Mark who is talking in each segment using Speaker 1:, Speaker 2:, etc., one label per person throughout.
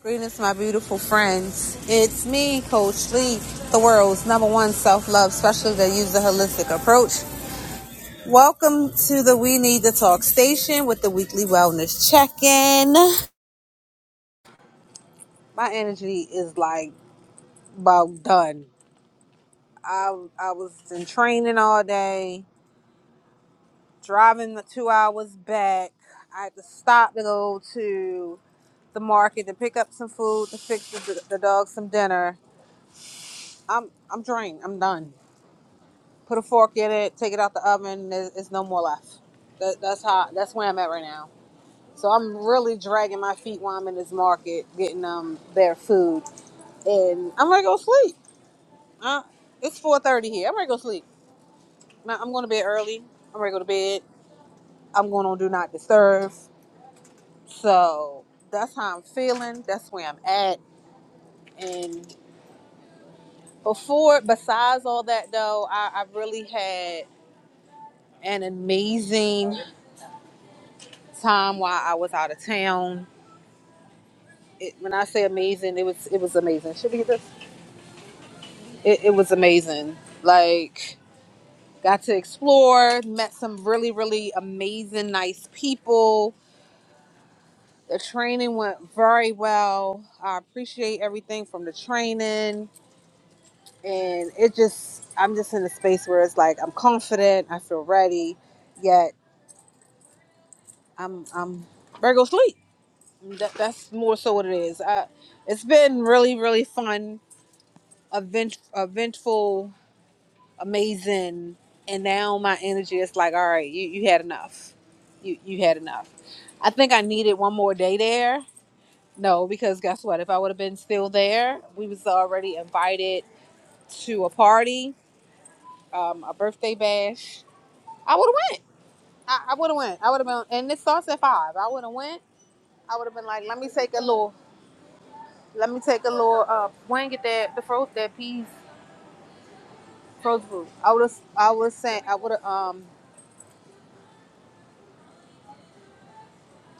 Speaker 1: Greetings, my beautiful friends. It's me, Coach Lee, the world's number one self love specialist that uses a holistic approach. Welcome to the We Need to Talk station with the weekly wellness check in. My energy is like about done. I, I was in training all day, driving the two hours back. I had to stop to go to the market to pick up some food to fix the, the dog some dinner. I'm I'm drained. I'm done. put a fork in it, take it out the oven. There's, it's no more left. That, that's how. That's where I'm at right now. So I'm really dragging my feet while I'm in this market getting um their food, and I'm gonna go sleep. Uh, it's 4:30 here. I'm gonna go sleep. Now, I'm going to bed early. I'm ready to go to bed. I'm going on do not disturb. So that's how I'm feeling. That's where I'm at. And before, besides all that though, I, I really had an amazing time while I was out of town it, when I say amazing, it was it was amazing. Should we get this? It, it was amazing. Like got to explore, met some really really amazing nice people. The training went very well. I appreciate everything from the training, and it just I'm just in a space where it's like I'm confident, I feel ready, yet I'm I'm Virgo sleep. That, that's more so what it is. I, it's been really really fun, event, eventful amazing and now my energy is like all right you, you had enough you you had enough i think i needed one more day there no because guess what if i would have been still there we was already invited to a party um a birthday bash i would have went i, I would have went i would have been and it starts at five i would have went i would have been like let me take a little let me take a little uh wing get that the froze that peas frozen food i would have i would have sent i would have Um.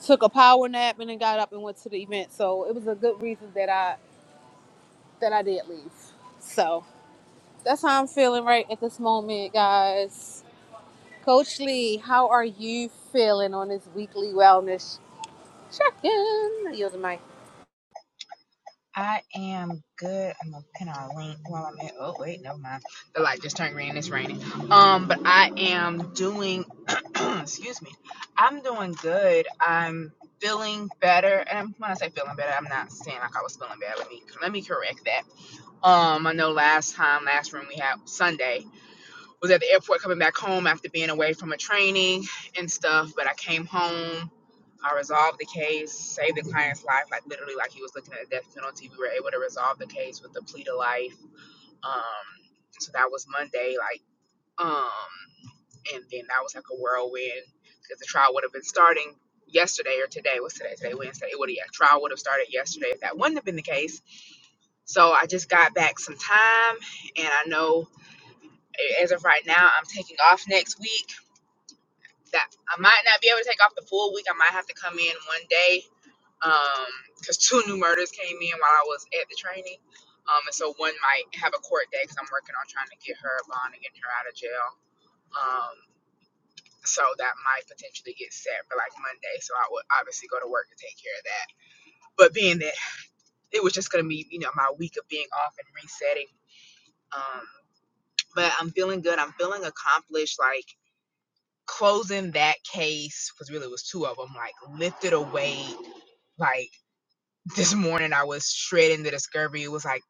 Speaker 1: took a power nap and then got up and went to the event. So it was a good reason that I that I did leave. So that's how I'm feeling right at this moment, guys. Coach Lee, how are you feeling on this weekly wellness check-in? You're the mic.
Speaker 2: I am good. I'm gonna pin our link while I'm at. Oh wait, never mind. The light just turned green. It's raining. Um, but I am doing. excuse me. I'm doing good. I'm feeling better. And when I say feeling better, I'm not saying like I was feeling bad. Let me let me correct that. Um, I know last time, last room we had Sunday was at the airport coming back home after being away from a training and stuff. But I came home. I resolved the case, saved the client's life, like literally, like he was looking at a death penalty. We were able to resolve the case with the plea to life. Um, so that was Monday, like, um, and then that was like a whirlwind because the trial would have been starting yesterday or today. What's today? Today Wednesday. It would have yeah, trial would have started yesterday if that wouldn't have been the case. So I just got back some time, and I know as of right now, I'm taking off next week that I might not be able to take off the full week. I might have to come in one day because two new murders came in while I was at the training. Um, and so one might have a court day because I'm working on trying to get her a bond and getting her out of jail. Um, so that might potentially get set for like Monday. So I would obviously go to work and take care of that. But being that it was just going to be, you know, my week of being off and resetting. Um, but I'm feeling good. I'm feeling accomplished. Like closing that case because really it was two of them like lifted a weight Like this morning, I was shredding the discovery. It was like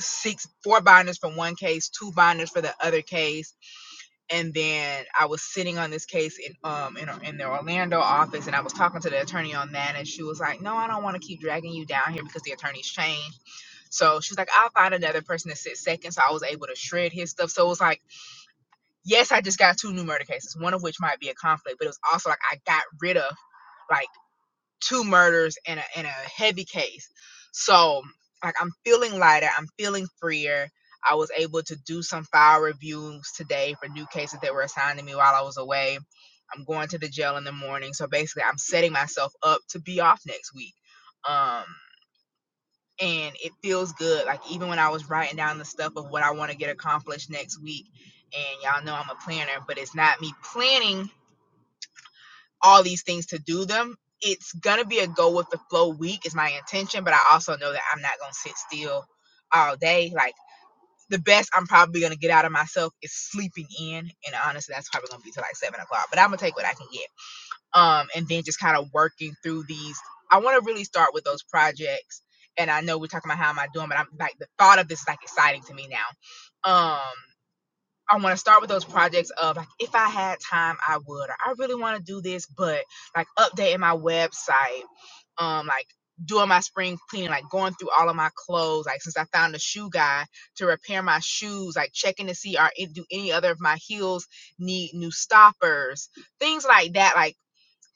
Speaker 2: six, four binders from one case, two binders for the other case, and then I was sitting on this case in um in, in the Orlando office, and I was talking to the attorney on that, and she was like, "No, I don't want to keep dragging you down here because the attorney's changed." So she's like, "I'll find another person to sit second." So I was able to shred his stuff. So it was like, yes, I just got two new murder cases, one of which might be a conflict, but it was also like I got rid of. Like two murders in a in a heavy case. So like I'm feeling lighter, I'm feeling freer. I was able to do some file reviews today for new cases that were assigned to me while I was away. I'm going to the jail in the morning. So basically I'm setting myself up to be off next week. Um and it feels good. Like even when I was writing down the stuff of what I want to get accomplished next week, and y'all know I'm a planner, but it's not me planning all these things to do them. It's gonna be a go with the flow week is my intention, but I also know that I'm not gonna sit still all day. Like the best I'm probably gonna get out of myself is sleeping in, and honestly, that's probably gonna be till like seven o'clock. But I'm gonna take what I can get, um, and then just kind of working through these. I want to really start with those projects, and I know we're talking about how am I doing, but I'm like the thought of this is like exciting to me now. Um, I want to start with those projects of like if I had time I would or I really want to do this but like updating my website um like doing my spring cleaning like going through all of my clothes like since I found a shoe guy to repair my shoes like checking to see are it do any other of my heels need new stoppers things like that Like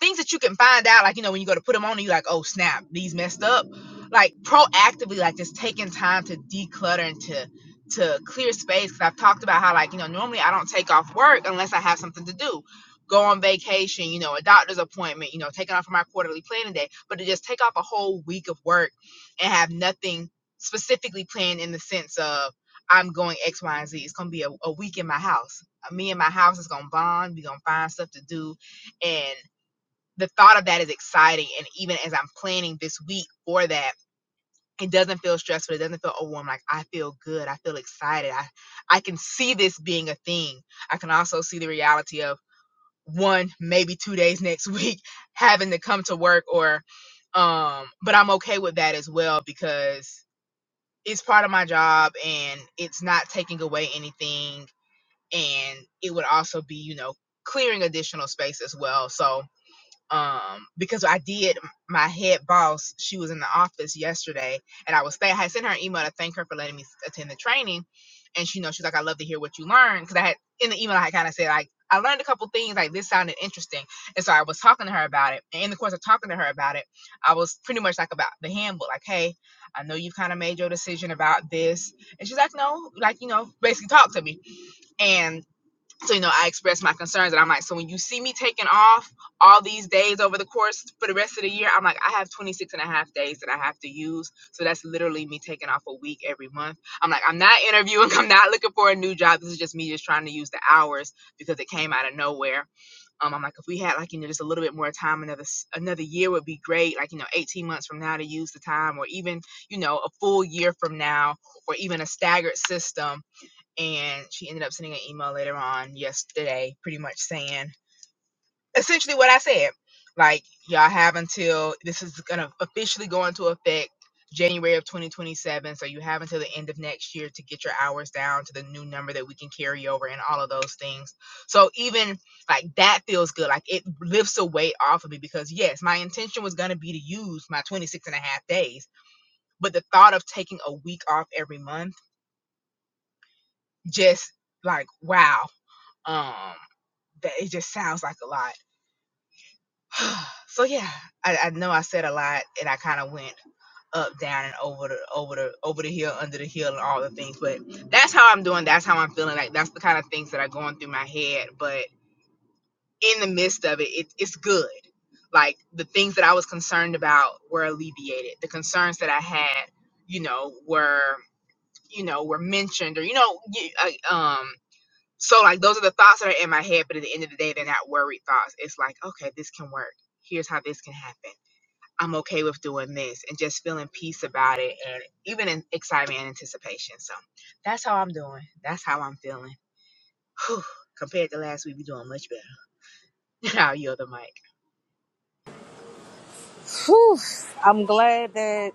Speaker 2: things that you can find out, like you know, when you go to put them on, and you're like, oh snap, these messed up. Like proactively, like just taking time to declutter and to to clear space. Because I've talked about how like you know normally I don't take off work unless I have something to do. Go on vacation, you know, a doctor's appointment, you know, taking off for my quarterly planning day, but to just take off a whole week of work and have nothing specifically planned in the sense of I'm going X, Y, and Z. It's gonna be a, a week in my house. Me and my house is gonna bond. We're gonna find stuff to do, and the thought of that is exciting. And even as I'm planning this week for that, it doesn't feel stressful. It doesn't feel overwhelmed. Like I feel good. I feel excited. I, I can see this being a thing. I can also see the reality of one, maybe two days next week having to come to work or, um, but I'm okay with that as well because it's part of my job and it's not taking away anything. And it would also be, you know, clearing additional space as well. So, um because I did my head boss she was in the office yesterday and I was I had sent her an email to thank her for letting me attend the training and she you know she's like I love to hear what you learned because I had in the email I had kind of said like I learned a couple things like this sounded interesting and so I was talking to her about it and in the course of talking to her about it I was pretty much like about the handbook like hey I know you have kind of made your decision about this and she's like no like you know basically talk to me and so you know i expressed my concerns and i'm like so when you see me taking off all these days over the course for the rest of the year i'm like i have 26 and a half days that i have to use so that's literally me taking off a week every month i'm like i'm not interviewing i'm not looking for a new job this is just me just trying to use the hours because it came out of nowhere um i'm like if we had like you know just a little bit more time another s- another year would be great like you know 18 months from now to use the time or even you know a full year from now or even a staggered system and she ended up sending an email later on yesterday pretty much saying essentially what i said like y'all have until this is going to officially go into effect january of 2027 so you have until the end of next year to get your hours down to the new number that we can carry over and all of those things so even like that feels good like it lifts a weight off of me because yes my intention was going to be to use my 26 and a half days but the thought of taking a week off every month just like wow um that it just sounds like a lot. so yeah, I, I know I said a lot and I kind of went up, down, and over the over the over the hill, under the hill, and all the things. But that's how I'm doing. That's how I'm feeling. Like that's the kind of things that are going through my head. But in the midst of it, it it's good. Like the things that I was concerned about were alleviated. The concerns that I had, you know, were you know were mentioned or you know you, uh, um So like those are the thoughts that are in my head, but at the end of the day, they're not worried thoughts. It's like, okay, this can work. Here's how this can happen. I'm okay with doing this and just feeling peace about it and even in excitement and anticipation. So that's how I'm doing. That's how I'm feeling. Whew. Compared to last week, we're doing much better. I'll yield the mic.
Speaker 1: Whew. I'm glad that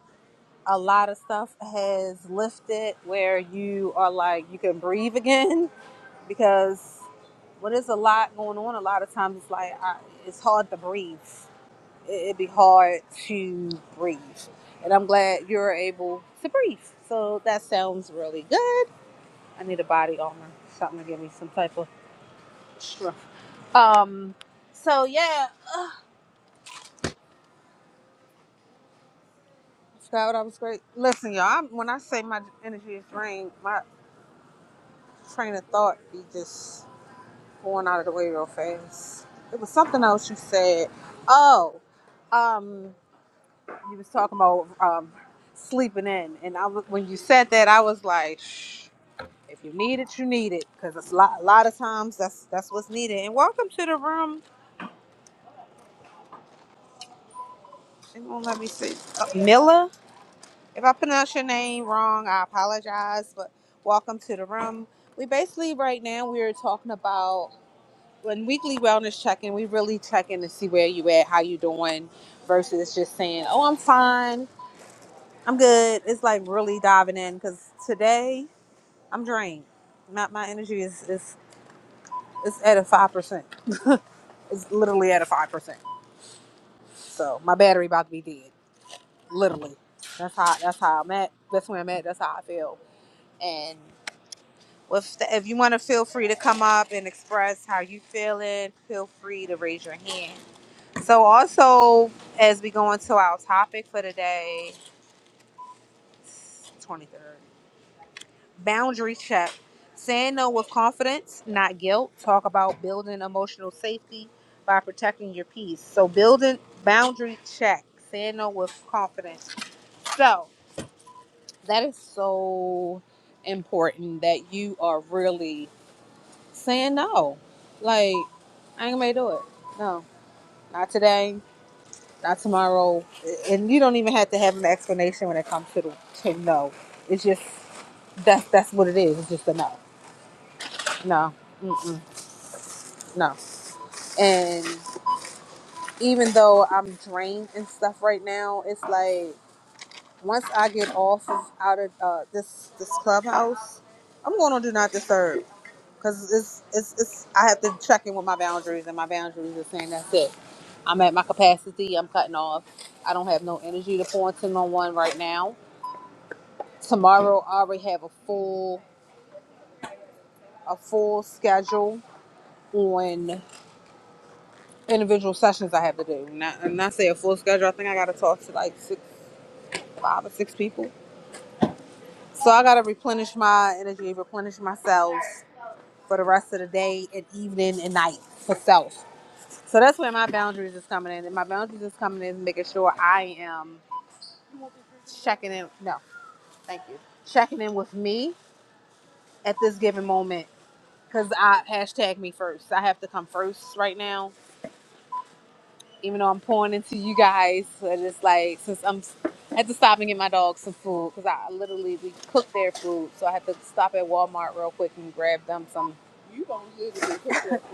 Speaker 1: a lot of stuff has lifted where you are like you can breathe again because when there's a lot going on, a lot of times it's like I, it's hard to breathe. it- would be hard to breathe. And I'm glad you're able to breathe. So that sounds really good. I need a body armor, something to give me some type of strength. Um, so yeah, that was great. Listen, y'all, I'm, when I say my energy is drained, my train of thought be just going out of the way real fast. It was something else you said. Oh, um, you was talking about um, sleeping in, and I was, when you said that, I was like. shh, If you need it, you need it, because it's a lot, a lot of times that's that's what's needed. And welcome to the room. It won't let me see. Uh, Miller, if I pronounce your name wrong, I apologize, but welcome to the room. We basically right now we're talking about when weekly wellness check-in. We really check in to see where you at, how you doing, versus just saying, "Oh, I'm fine, I'm good." It's like really diving in because today I'm drained. My my energy is is is at a five percent. It's literally at a five percent So my battery about to be dead, literally. That's how that's how I'm at. That's where I'm at. That's how I feel. And if if you want to feel free to come up and express how you feeling, feel free to raise your hand. So also as we go into our topic for today, twenty third boundary check. Saying no with confidence, not guilt. Talk about building emotional safety by protecting your peace. So building boundary check. Saying no with confidence. So That is so important that you are really saying no. Like, I ain't gonna do it. No, not today, not tomorrow. And you don't even have to have an explanation when it comes to the to no. It's just that's that's what it is. It's just a no, no, mm-mm, no. And even though I'm drained and stuff right now, it's like once I get off of out of uh, this this clubhouse, I'm going on do not disturb. Cause it's, it's it's I have to check in with my boundaries, and my boundaries are saying that's it. I'm at my capacity. I'm cutting off. I don't have no energy to pour into no one right now. Tomorrow I already have a full a full schedule on individual sessions I have to do. Not and I say a full schedule. I think I got to talk to like six, five or six people. So I got to replenish my energy, replenish myself for the rest of the day and evening and night for self. So that's where my boundaries is coming in. And my boundaries is coming in making sure I am checking in. No, thank you. Checking in with me at this given moment because I hashtag me first. I have to come first right now. Even though I'm pouring into you guys, I just like since I'm I had to stop and get my dog some food because I literally we cook their food, so I had to stop at Walmart real quick and grab them some. You don't literally cook their food.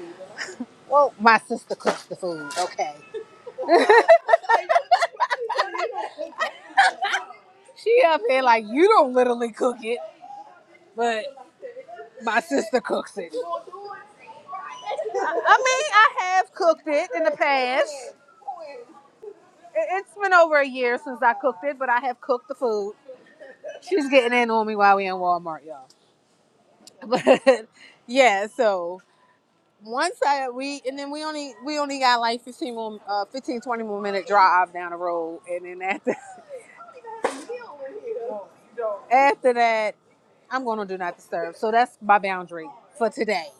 Speaker 1: Well, my sister cooks the food. Okay, she up here like you don't literally cook it. but my sister cooks it. I mean, I have cooked it in the past. It- It's been over a year since I cooked it, but I have cooked the food. She's getting in on me while we in Walmart, y'all. But yeah, so once I we and then we only we only got like 15 more uh 15 twenty more minute drive down the road and then after after that I'm going to do not disturb. So that's my boundary for today.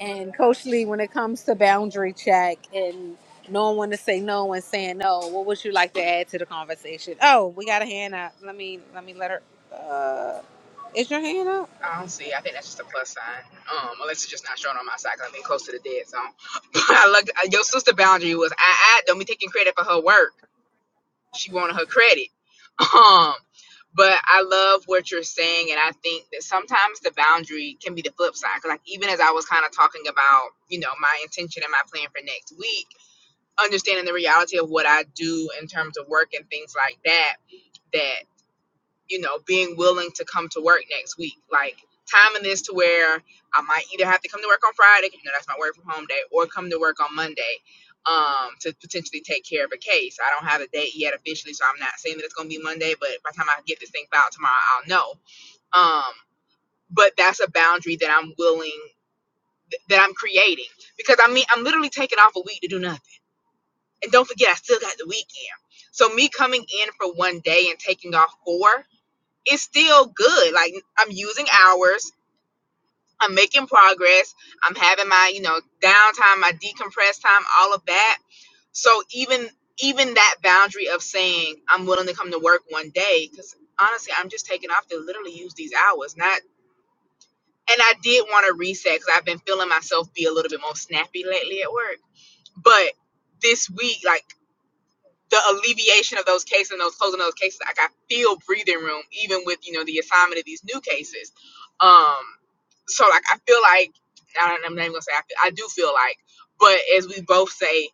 Speaker 1: And Coach Lee, when it comes to boundary check and knowing when to say no and saying no, what would you like to add to the conversation? Oh, we got a hand up. Let me let me let her. Uh, is your hand up?
Speaker 2: I don't see. I think that's just a plus sign. Um, unless it's just not showing on my side because 'cause have been close to the dead zone. I look, your sister boundary was I, I don't be taking credit for her work. She wanted her credit. Um, but I love what you're saying, and I think that sometimes the boundary can be the flip side. 'Cause like even as I was kind of talking about, you know, my intention and my plan for next week, understanding the reality of what I do in terms of work and things like that, that you know, being willing to come to work next week. Like timing this to where I might either have to come to work on Friday, you know, that's my work from home day, or come to work on Monday um, to potentially take care of a case. I don't have a date yet officially, so I'm not saying that it's going to be Monday, but by the time I get this thing filed tomorrow, I'll know. Um, but that's a boundary that I'm willing, that I'm creating, because I mean, I'm literally taking off a week to do nothing. And don't forget, I still got the weekend. So me coming in for one day and taking off four it's still good. Like I'm using hours, I'm making progress, I'm having my, you know, downtime, my decompress time, all of that. So even even that boundary of saying I'm willing to come to work one day, because honestly, I'm just taking off to literally use these hours. Not and I did want to reset because I've been feeling myself be a little bit more snappy lately at work. But this week, like the alleviation of those cases and those closing of those cases, like I feel breathing room, even with you know the assignment of these new cases. Um, so like I feel like I don't, I'm not even gonna say I feel, I do feel like, but as we both say,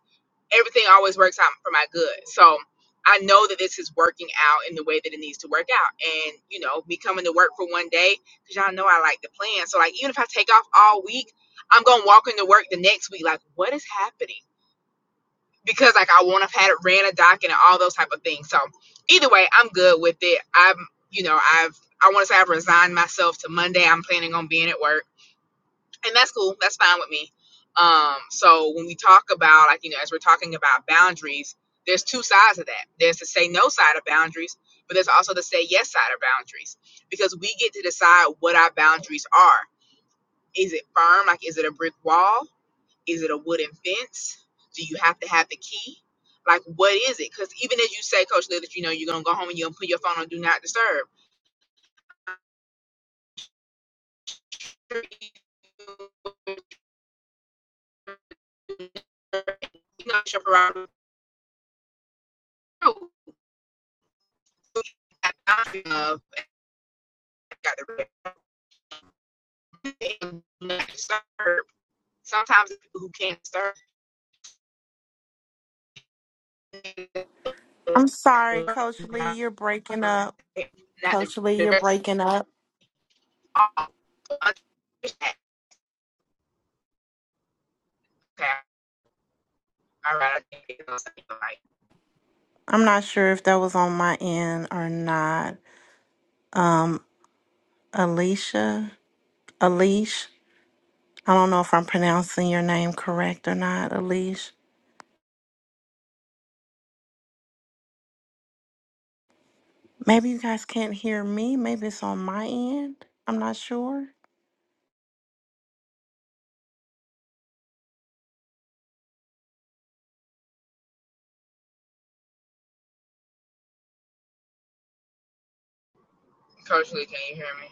Speaker 2: everything always works out for my good. So I know that this is working out in the way that it needs to work out, and you know me coming to work for one day because y'all know I like to plan. So like even if I take off all week, I'm gonna walk into work the next week like what is happening because like I won't have had it ran a docket and all those type of things. So either way, I'm good with it. I'm you know I've I want to say I've resigned myself to Monday. I'm planning on being at work and that's cool. That's fine with me. Um, so when we talk about like you know, as we're talking about boundaries, there's two sides of that. There's the say no side of boundaries, but there's also the say yes side of boundaries because we get to decide what our boundaries are. Is it firm? Like is it a brick wall? Is it a wooden fence? Do you have to have the key? Like what is it? Because even as you say, Coach Lee, that you know you're gonna go home and you're gonna put your phone on do not disturb. You know, it's your prerogative. I Sometimes people who can't serve
Speaker 3: I'm sorry,
Speaker 2: not
Speaker 3: Coach Lee, you're breaking up.
Speaker 2: the,
Speaker 3: Coach Lee,
Speaker 2: the
Speaker 3: you're
Speaker 2: rest
Speaker 3: breaking up.
Speaker 2: of all. Understand All right, like
Speaker 3: I'm not sure if that was on my end or not. Um, Alicia, Alish, I don't know if I'm pronouncing your name correct or not, Alish. Maybe you guys can't hear me. Maybe it's on my end. I'm not sure.
Speaker 2: Coach Lee, can you hear me?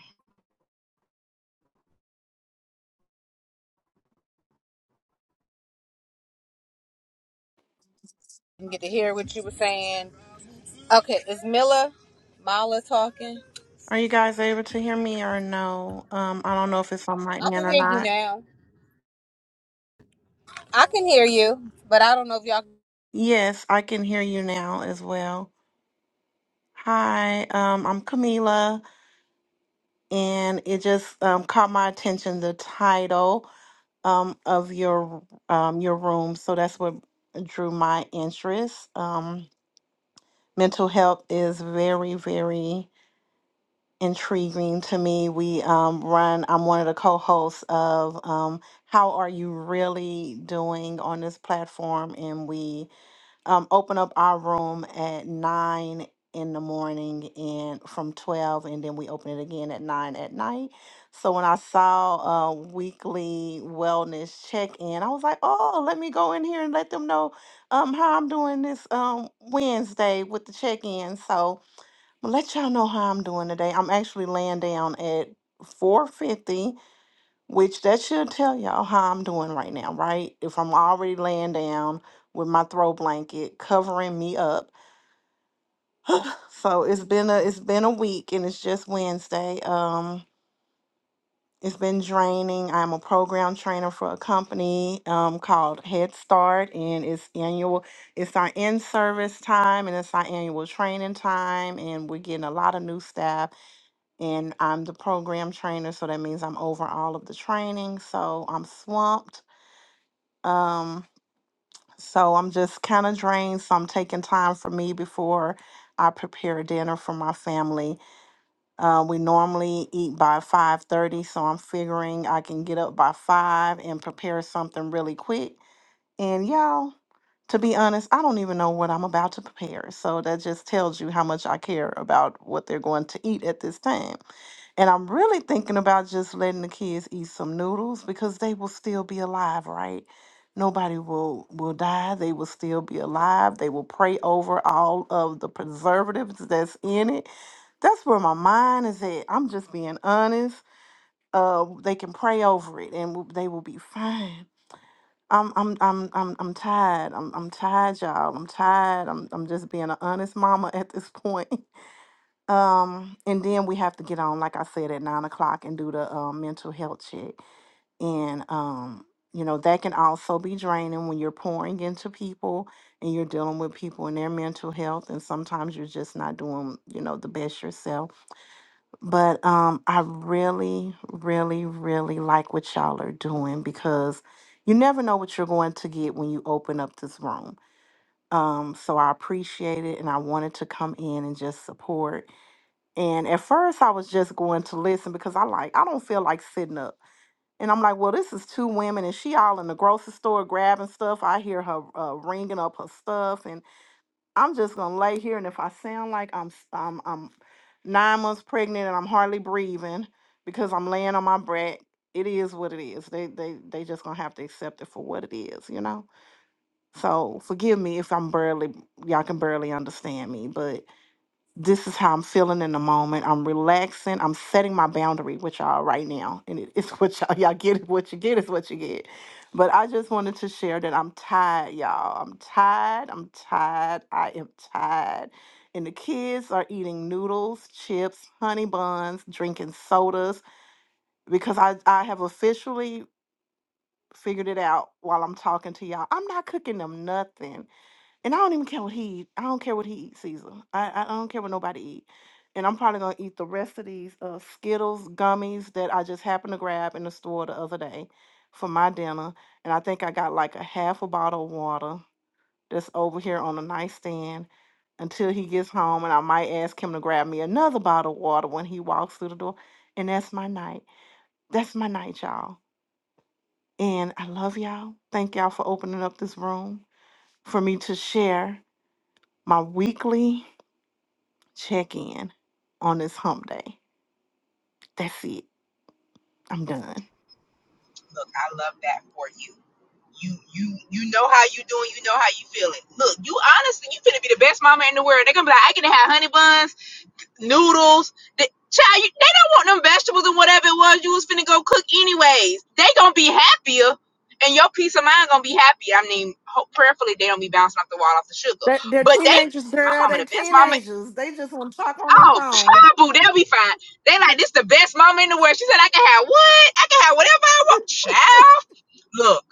Speaker 1: I didn't get to hear what you were saying. Okay, is Mila Mala talking?
Speaker 3: Are you guys able to hear me or no? Um, I don't know if it's on my
Speaker 1: I
Speaker 3: end
Speaker 1: can
Speaker 3: or
Speaker 1: hear you
Speaker 3: not.
Speaker 1: now. I can hear you, but I don't know if y'all.
Speaker 3: Yes, I can hear you now as well. Hi, um, I'm Camila. and it just um, caught my attention the title um, of your um, your room. So that's what drew my interest. Um, mental health is very very intriguing to me. We um, run. I'm one of the co-hosts of um, How Are You Really Doing on this platform, and we um, open up our room at nine in the morning and from 12 and then we open it again at 9 at night so when i saw a weekly wellness check-in i was like oh let me go in here and let them know um how i'm doing this um wednesday with the check-in so i'm gonna let y'all know how i'm doing today i'm actually laying down at 4:50. Which that should tell y'all how I'm doing right now, right? If I'm already laying down with my throw blanket covering me up. So it's been a it's been a week and it's just Wednesday. Um it's been draining. I'm a program trainer for a company um, called Head Start, and it's annual. It's our in-service time, and it's our annual training time, and we're getting a lot of new staff. And I'm the program trainer, so that means I'm over all of the training. So I'm swamped. Um, So I'm just kind of drained. So I'm taking time for me before I prepare dinner for my family. Uh, we normally eat by 5:30, so I'm figuring I can get up by five and prepare something really quick. And y'all, to be honest, I don't even know what I'm about to prepare. So that just tells you how much I care about what they're going to eat at this time. And I'm really thinking about just letting the kids eat some noodles because they will still be alive, right? Nobody will will die. They will still be alive. They will pray over all of the preservatives that's in it. That's where my mind is at. I'm just being honest. Uh, they can pray over it, and w- they will be fine. I'm I'm I'm I'm I'm tired. I'm I'm tired, y'all. I'm tired. I'm I'm just being an honest mama at this point. Um, and then we have to get on, like I said, at nine o'clock and do the um, mental health check. And, um, you know, that can also be draining when you're pouring into people and you're dealing with people and their mental health. And sometimes you're just not doing, you know, the best yourself. But um, I really, really, really like what y'all are doing because you never know what you're going to get when you open up this room. Um, so I appreciate it and I wanted to come in and just support and at first, I was just going to listen because I like I don't feel like sitting up. And I'm like, well, this is two women, and she all in the grocery store grabbing stuff. I hear her uh, ringing up her stuff, and I'm just gonna lay here. And if I sound like I'm s- I'm, I'm nine months pregnant and I'm hardly breathing because I'm laying on my back, it is what it is. They they they just gonna have to accept it for what it is, you know. So forgive me if I'm barely y'all can barely understand me, but this is how I'm feeling in the moment. I'm relaxing. I'm setting my boundary with y'all right now. And it, it's what y'all, y'all get. it. What you get is what you get. But I just wanted to share that I'm tired, y'all. I'm tired. I'm tired. I am tired. And the kids are eating noodles, chips, honey buns, drinking sodas because I, I have officially figured it out while I'm talking to y'all. I'm not cooking them nothing. And I don't even care what he eat. I don't care what he eats, Caesar. I, I I don't care what nobody eat. And I'm probably gonna eat the rest of these uh, Skittles gummies that I just happened to grab in the store the other day for my dinner. And I think I got like a half a bottle of water that's over here on the nightstand until he gets home. And I might ask him to grab me another bottle of water when he walks through the door. And that's my night. That's my night, y'all. And I love y'all. Thank y'all for opening up this room for me to share my weekly. check in on this hump day. That's it. I'm done.
Speaker 2: Look, I love that for you. You you you know how you doing, you know how you feeling. Look, you honestly, you finna be the best mama in the world. They're gonna be like, I can have honey buns. noodles. The, child, you, they don't want them vegetables and whatever it was you was finna go cook anyways. They gonna be happier, and your peace of mind gonna be happy. I mean, hope, prayerfully they don't be bouncing off the wall off the sugar.
Speaker 3: They're, they're
Speaker 2: But they,
Speaker 3: teenagers,
Speaker 2: my
Speaker 3: girl.
Speaker 2: mama,
Speaker 3: They
Speaker 2: the best mama.
Speaker 3: teenagers. They just want to talk on their
Speaker 2: Oh,
Speaker 3: phone.
Speaker 2: trouble, they'll be fine. They like this the best mama in the world. She said I can have what? I can have whatever I want, child look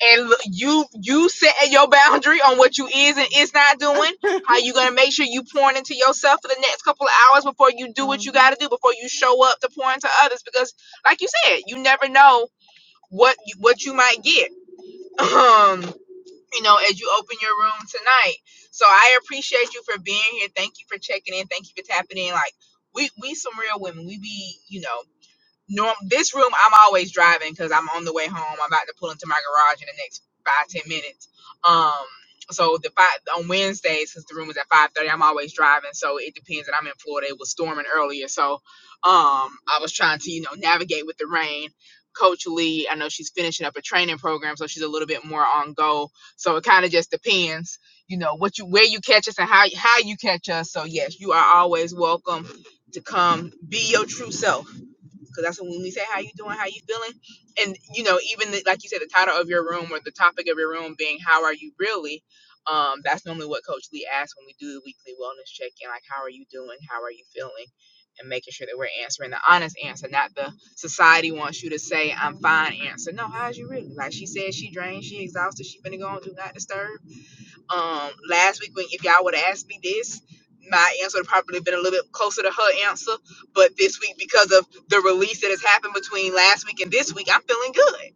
Speaker 2: and look, you you set your boundary on what you is and is not doing. How you gonna make sure you pouring into yourself for the next couple of hours before you do what you
Speaker 3: Mm-hmm.
Speaker 2: gotta do before you show up to pour into others? Because like you said, you never know what you, what you might get. Um, you know, as you open your room tonight. So I appreciate you for being here. Thank you for checking in. Thank you for tapping in. Like we we some real women. We be you know Norm, this room, I'm always driving because I'm on the way home. I'm about to pull into my garage in the next five ten minutes. Um, so the five on Wednesdays, since the room is at five thirty, I'm always driving. So it depends. And I'm in Florida. It was storming earlier, so um, I was trying to you know navigate with the rain. Coach Lee, I know she's finishing up a training program, so she's a little bit more on go. So it kind of just depends, you know, what you where you catch us and how how you catch us. So yes, you are always welcome to come be your true self because that's when we say how you doing how you feeling and you know even the, like you said the title of your room or the topic of your room being how are you really um that's normally what coach lee asks when we do the weekly wellness check-in like how are you doing how are you feeling and making sure that we're answering the honest answer not the society wants you to say i'm fine
Speaker 3: Mm-hmm.
Speaker 2: answer no how's you really like she said she drained she exhausted she finna go on do not disturb um last week when if y'all would have asked me this my answer would probably been a little bit closer to her answer but this week because of the release that has happened between last week and this week i'm feeling good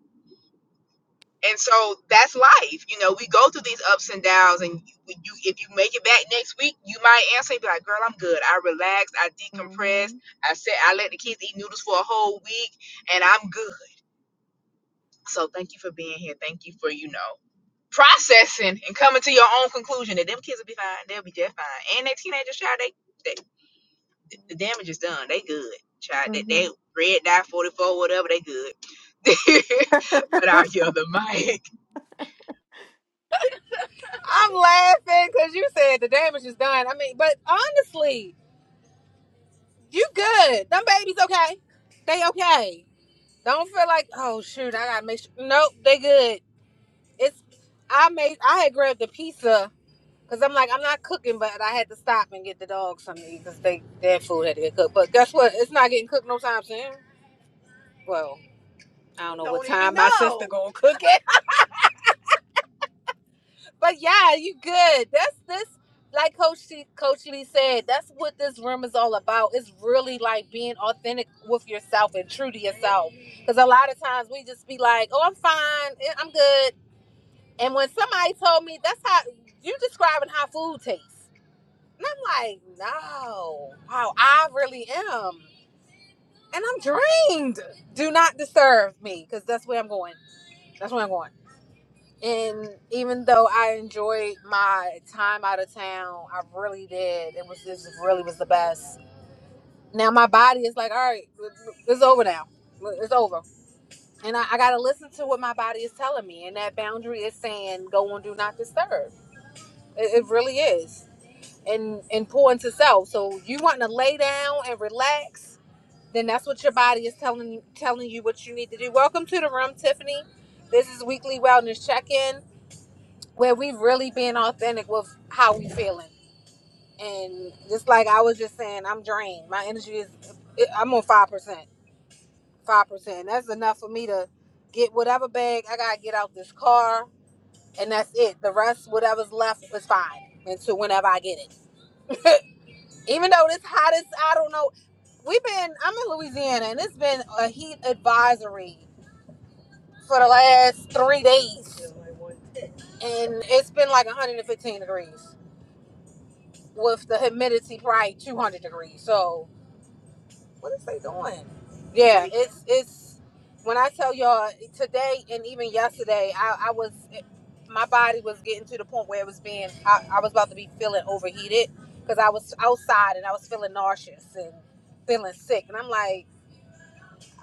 Speaker 2: and so that's life you know we go through these ups and downs and you, you if you make it back next week you might answer and be like girl i'm good i relaxed i decompressed
Speaker 3: Mm-hmm.
Speaker 2: i said i let the kids eat noodles for a whole week and i'm good so thank you for being here thank you for you know processing and coming to your own conclusion that them kids will be fine. They'll be just fine. And that teenagers, child, they, they the damage is done. They good, child. They, they
Speaker 3: Mm-hmm.
Speaker 2: red dot forty four, whatever. They good. but I yell the mic.
Speaker 1: I'm laughing because you said the damage is done. I mean, but honestly, you good. Them babies okay? They okay? Don't feel like, oh shoot, I gotta make sure. Nope, they good. It's I made I had grabbed the pizza because I'm like I'm not cooking, but I had to stop and get the dogs something to eat because they their food had to get cooked. But guess what? It's not getting cooked no time soon. Well, I don't know what Don't even time my know. sister know. gonna cook it. but yeah, you good. That's this. Like Coach C, Coach Lee said, that's what this room is all about. It's really like being authentic with yourself and true to yourself. Because a lot of times we just be like, "Oh, I'm fine. eh, I'm good." And when somebody told me that's how you describing how food tastes, and I'm like, no, wow, I really am, and I'm drained. Do not disturb me, because that's where I'm going. That's where I'm going. And even though I enjoyed my time out of town, I really did. It was this really was the best. Now my body is like, all right, it's over now. It's over. And I, I gotta listen to what my body is telling me. And that boundary is saying, go on, do not disturb. It, it really is. and and pour into self. So you want to lay down and relax, then that's what your body is telling telling you what you need to do. Welcome to the room, Tiffany. This is weekly wellness check-in where we've really been authentic with how we feeling. And just like I was just saying, I'm drained. My energy is I'm on five percent. Five percent. That's enough for me to get whatever bag I gotta get out this car and that's it. The rest, whatever's left, is fine until whenever I get it. even though it's hot as I don't know. We've been I'm in Louisiana and it's been a heat advisory for the last three days, and it's been like 115 degrees with the humidity probably 200 degrees. So yeah, it's it's when I tell y'all today and even yesterday, I, I was my body was getting to the point where it was being I, I was about to be feeling overheated because I was outside and I was feeling nauseous and feeling sick, and I'm like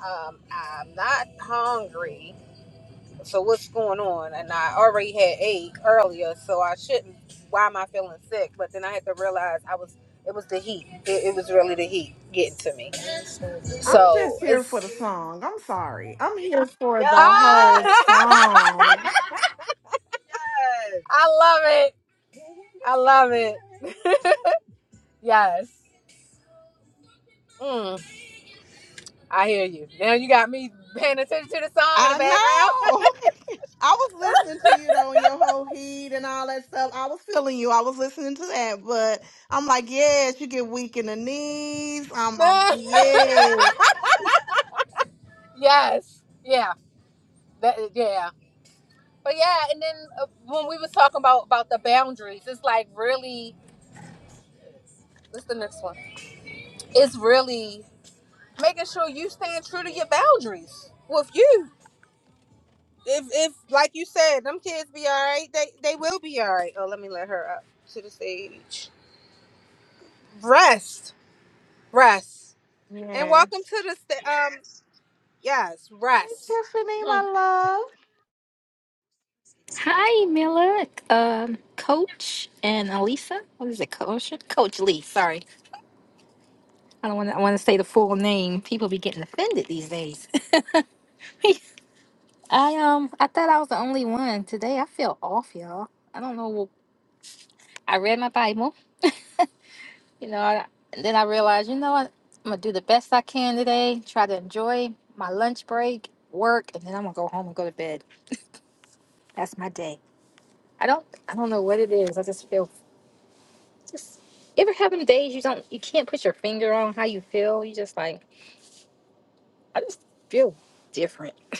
Speaker 1: um, I'm not hungry. So what's going on? And I already had ate earlier, so I shouldn't. Why am I feeling sick? But then I had to realize I was. It was the heat. It, it was really the heat getting to me.
Speaker 3: I'm
Speaker 1: So
Speaker 3: just here for
Speaker 1: it's.
Speaker 3: the song. I'm sorry. I'm here for the whole
Speaker 1: Ah!
Speaker 3: song.
Speaker 1: I love it. I love it. yes. Mm, I hear you. Now you got me paying attention to the song in the
Speaker 3: I
Speaker 1: background.
Speaker 3: know. I was listening to you though, and your whole heat and all that stuff. I was feeling you. I was listening to that, but I'm like, yes, you get weak in the knees. I'm, I'm yes.
Speaker 1: yes. Yeah. That. Yeah. But yeah, and then uh, when we was talking about about the boundaries, it's like really. What's the next one? It's really making sure you stand true to your boundaries with you. If if like you said, them kids be all right. They they will be all right. Oh, let me let her up to the stage. Rest, rest, and welcome
Speaker 3: Yes.
Speaker 1: to the sta- um. Yes,
Speaker 3: Hey,
Speaker 1: rest.
Speaker 3: Tiffany,
Speaker 1: Hmm.
Speaker 3: my love.
Speaker 4: Hi, Mila, um, Coach and Alisa. What is it, Coach? Coach Lee. Sorry, I don't want to. I want to say the full name. People be getting offended these days. I um, I thought I was the only one today. I feel off, y'all. I don't know. I read my Bible, you know. I, and then I realized, you know what? I'm gonna do the best I can today. Try to enjoy my lunch break, work, and then I'm gonna go home and go to bed. That's my day. I don't. I don't know what it is. I just feel just ever having days you don't you can't put your finger on how you feel. You just like I just feel different.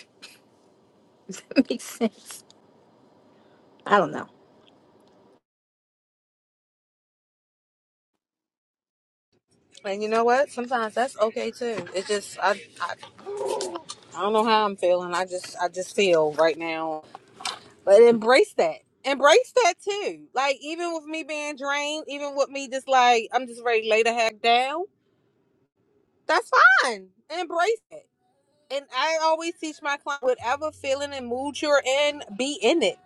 Speaker 4: Does that make sense? I don't know.
Speaker 1: And you know what? Sometimes that's okay too. It's just I, I I don't know how I'm feeling. I just I just feel right now But embrace that. Embrace that too. Like even with me being drained, even with me just like I'm just ready to lay the heck down. That's fine. Embrace it. And I always teach my client whatever feeling and mood you're in, be in it.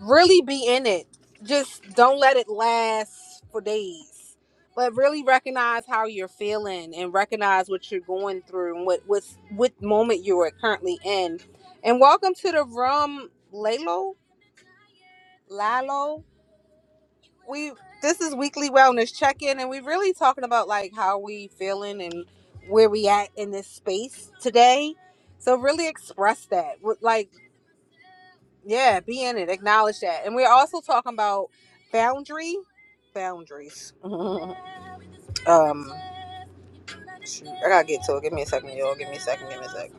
Speaker 1: Really be in it. Just don't let it last for days. But really recognize how you're feeling and recognize what you're going through and what what's what moment you are currently in. And welcome to the room, Lalo. Lalo. we this is weekly wellness check-in and we're really talking about like how we feeling and where we at in this space today so really express that with like yeah be in it acknowledge that and we're also talking about boundary boundaries um shoot, i gotta get to it give me a second y'all give me a second give me a second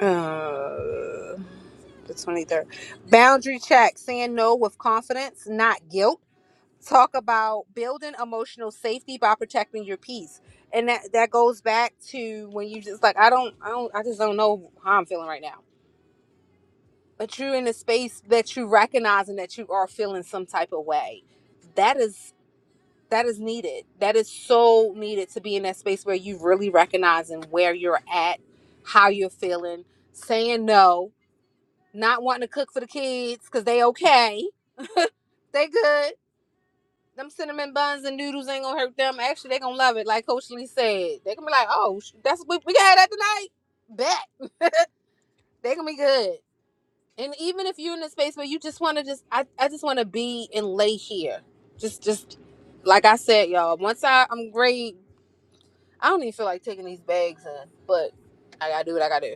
Speaker 1: uh the 23rd boundary check saying no with confidence not guilt talk about building emotional safety by protecting your peace and that that goes back to when you just like i don't i don't i just don't know how i'm feeling right now but you're in a space that you recognize and that you are feeling some type of way that is that is needed that is so needed to be in that space where you really recognizing where you're at how you're feeling saying no not wanting to cook for the kids because they okay they good them cinnamon buns and noodles ain't gonna hurt them. Actually, they gonna love it, like Coach Lee said. They gonna be like, oh, that's we, we can have that tonight. Bet they gonna be good. And even if you're in a space where you just wanna just, I, I just wanna be and lay here, just just like I said, y'all. Once I I'm great, I don't even feel like taking these bags in, but I gotta do what I gotta do.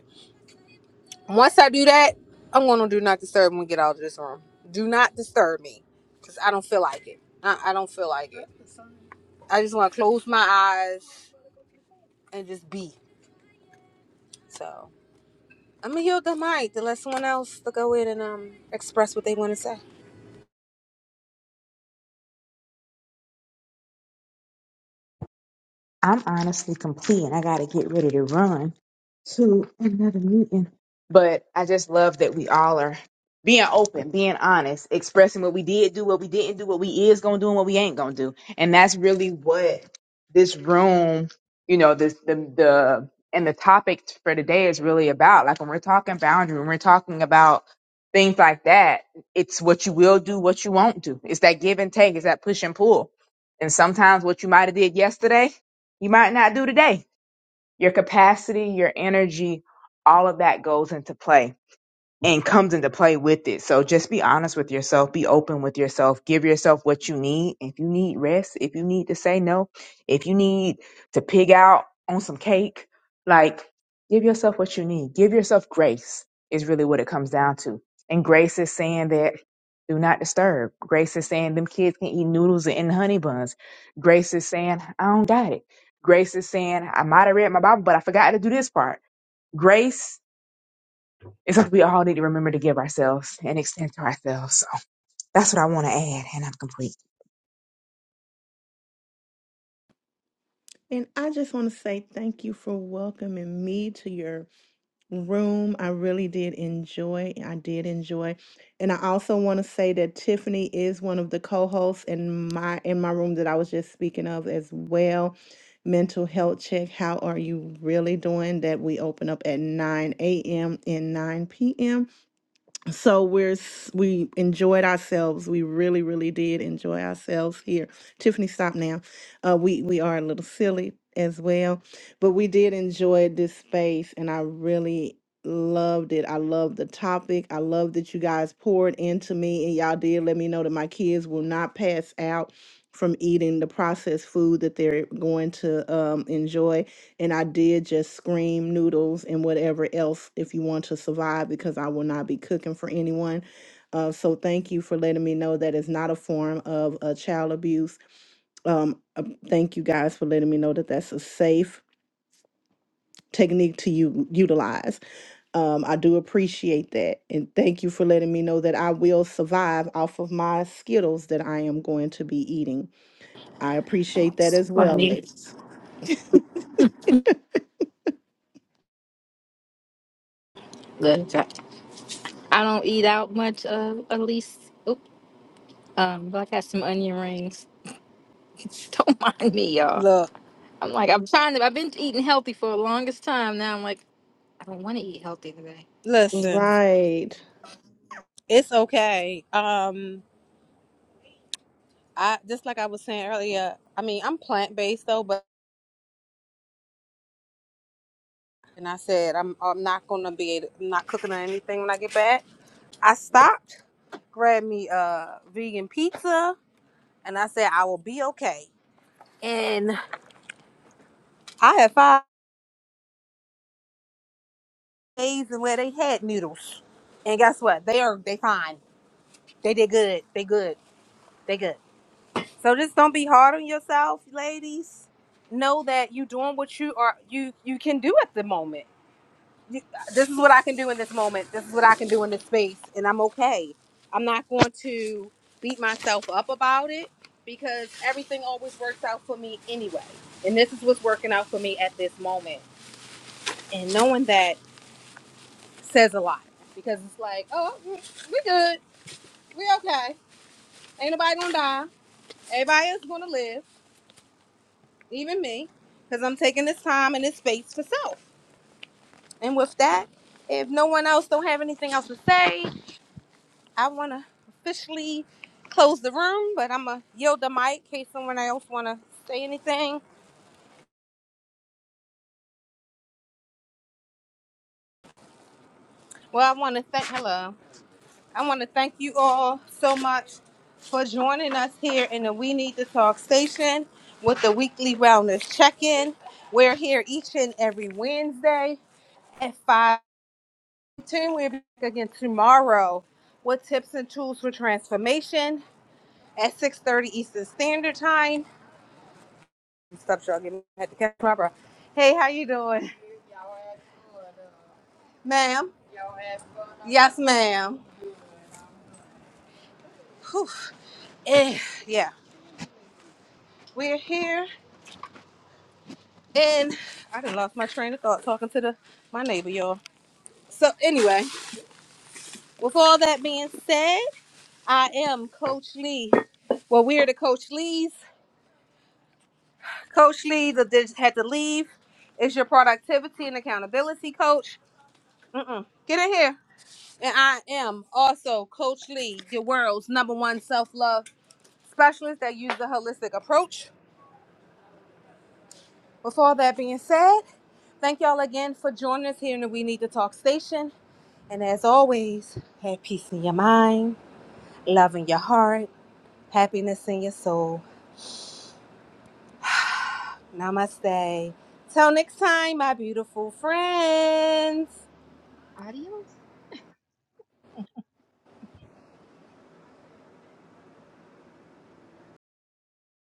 Speaker 1: Once I do that, I'm gonna do not disturb when we get out of this room. Do not disturb me, cause I don't feel like it. I, I don't feel like it. I just wanna close my eyes and just be. So I'm gonna yield the mic to let someone else to go in and um express what they want to say.
Speaker 2: I'm honestly complete and I got to get ready to run to another meeting. But I just love that we all are being open, being honest, expressing what we did do, what we didn't do, what we is going to do, and what we ain't going to do. And that's really what this room, you know, this, the, the, and the topic for today is really about. Like when we're talking boundary, when we're talking about things like that, it's what you will do, what you won't do. It's that give and take, it's that push and pull. And sometimes what you might have did yesterday you might not do today. Your capacity, your energy, all of that goes into play and comes into play with it. So just be honest with yourself, be open with yourself, give yourself what you need. If you need rest, if you need to say no, if you need to pig out on some cake, like give yourself what you need. Give yourself grace is really what it comes down to. And grace is saying that do not disturb. Grace is saying them kids can eat noodles and honey buns. Grace is saying I don't got it. Grace is saying I might have read my Bible, but I forgot to do this part. Grace it's something we all need to remember to give ourselves and extend to ourselves. So that's what I want to add, and I'm complete.
Speaker 3: And I just want to say thank you for welcoming me to your room. I really did enjoy. I did enjoy. And I also want to say that Tiffany is one of the co-hosts in my in my room that I was just speaking of as well. Mental health check. How are you really doing? That we open up at 9 a.m. and 9 p.m. so we're s- we enjoyed ourselves we really really did enjoy ourselves here tiffany stop now uh we we are a little silly as well but we did enjoy this space and i really loved it i love the topic i love that you guys poured into me and y'all did let me know that my kids will not pass out from eating the processed food that they're going to um, enjoy and I did just scream noodles and whatever else if you want to survive because I will not be cooking for anyone. Uh, so thank you for letting me know that it's not a form of uh, child abuse. Um, uh, thank you guys for letting me know that that's a safe technique to u- utilize. Um, I do appreciate that. And thank you for letting me know that I will survive off of my Skittles that I am going to be eating. I appreciate that as well,
Speaker 4: Funny.
Speaker 3: ladies.
Speaker 4: Good. try. I don't eat out much. Uh, at least. Oop, um, but I got some onion rings. don't mind me, y'all.
Speaker 1: Look,
Speaker 4: I'm like I'm trying to. I've been eating healthy for the longest time. Now I'm like I don't want to eat healthy today.
Speaker 1: listen,
Speaker 3: Right.
Speaker 1: it's okay. Um, I just like I was saying earlier. I mean, I'm plant based though, but and I said I'm I'm not gonna be able- I'm not cooking or anything when I get back. I stopped, grabbed me a vegan pizza, and I said I will be okay. And I had five days in where they had noodles, and guess what? They are they fine. They did good. They good. They good. So just don't be hard on yourself, ladies. Know that you are doing what you are you you can do at the moment. You, this is what I can do in this moment. This is what I can do in this space, and I'm okay. I'm not going to beat myself up about it because everything always works out for me anyway. And this is what's working out for me at this moment. And knowing that says a lot because it's like, oh, we good, we okay. Ain't nobody gonna die. Everybody is gonna live. even me, because I'm taking this time and this space for self. And with that, if no one else don't have anything else to say, I want to officially close the room, but I'm going to yield the mic in case someone else want to say anything. Well, I want to thank, hello, I want to thank you all so much for joining us here in the We Need to Talk station with the weekly wellness check-in. We're here each and every Wednesday at 5. Tune we'll be back again tomorrow with tips and tools for transformation at 6.30 Eastern Standard Time. Stop struggling. I had to catch my breath. Hey, how you doing? Y'all had fun, Ma'am? Y'all had fun. Yes, ma'am. Whew. Eh, yeah, we're here, and I done lost my train of thought talking to the my neighbor, y'all. So anyway, with all that being said, I am Coach Lee. Well, we are the Coach Lees. Coach Lee that just had to leave is your productivity and accountability coach. Mm-mm. Get in here. And I am also Coach Lee, your world's number one self love specialist that uses a holistic approach. With all that being said, thank y'all again for joining us here in the We Need to Talk station. And as always, have peace in your mind, love in your heart, happiness in your soul. Namaste. Till next time, my beautiful friends.
Speaker 4: Adios.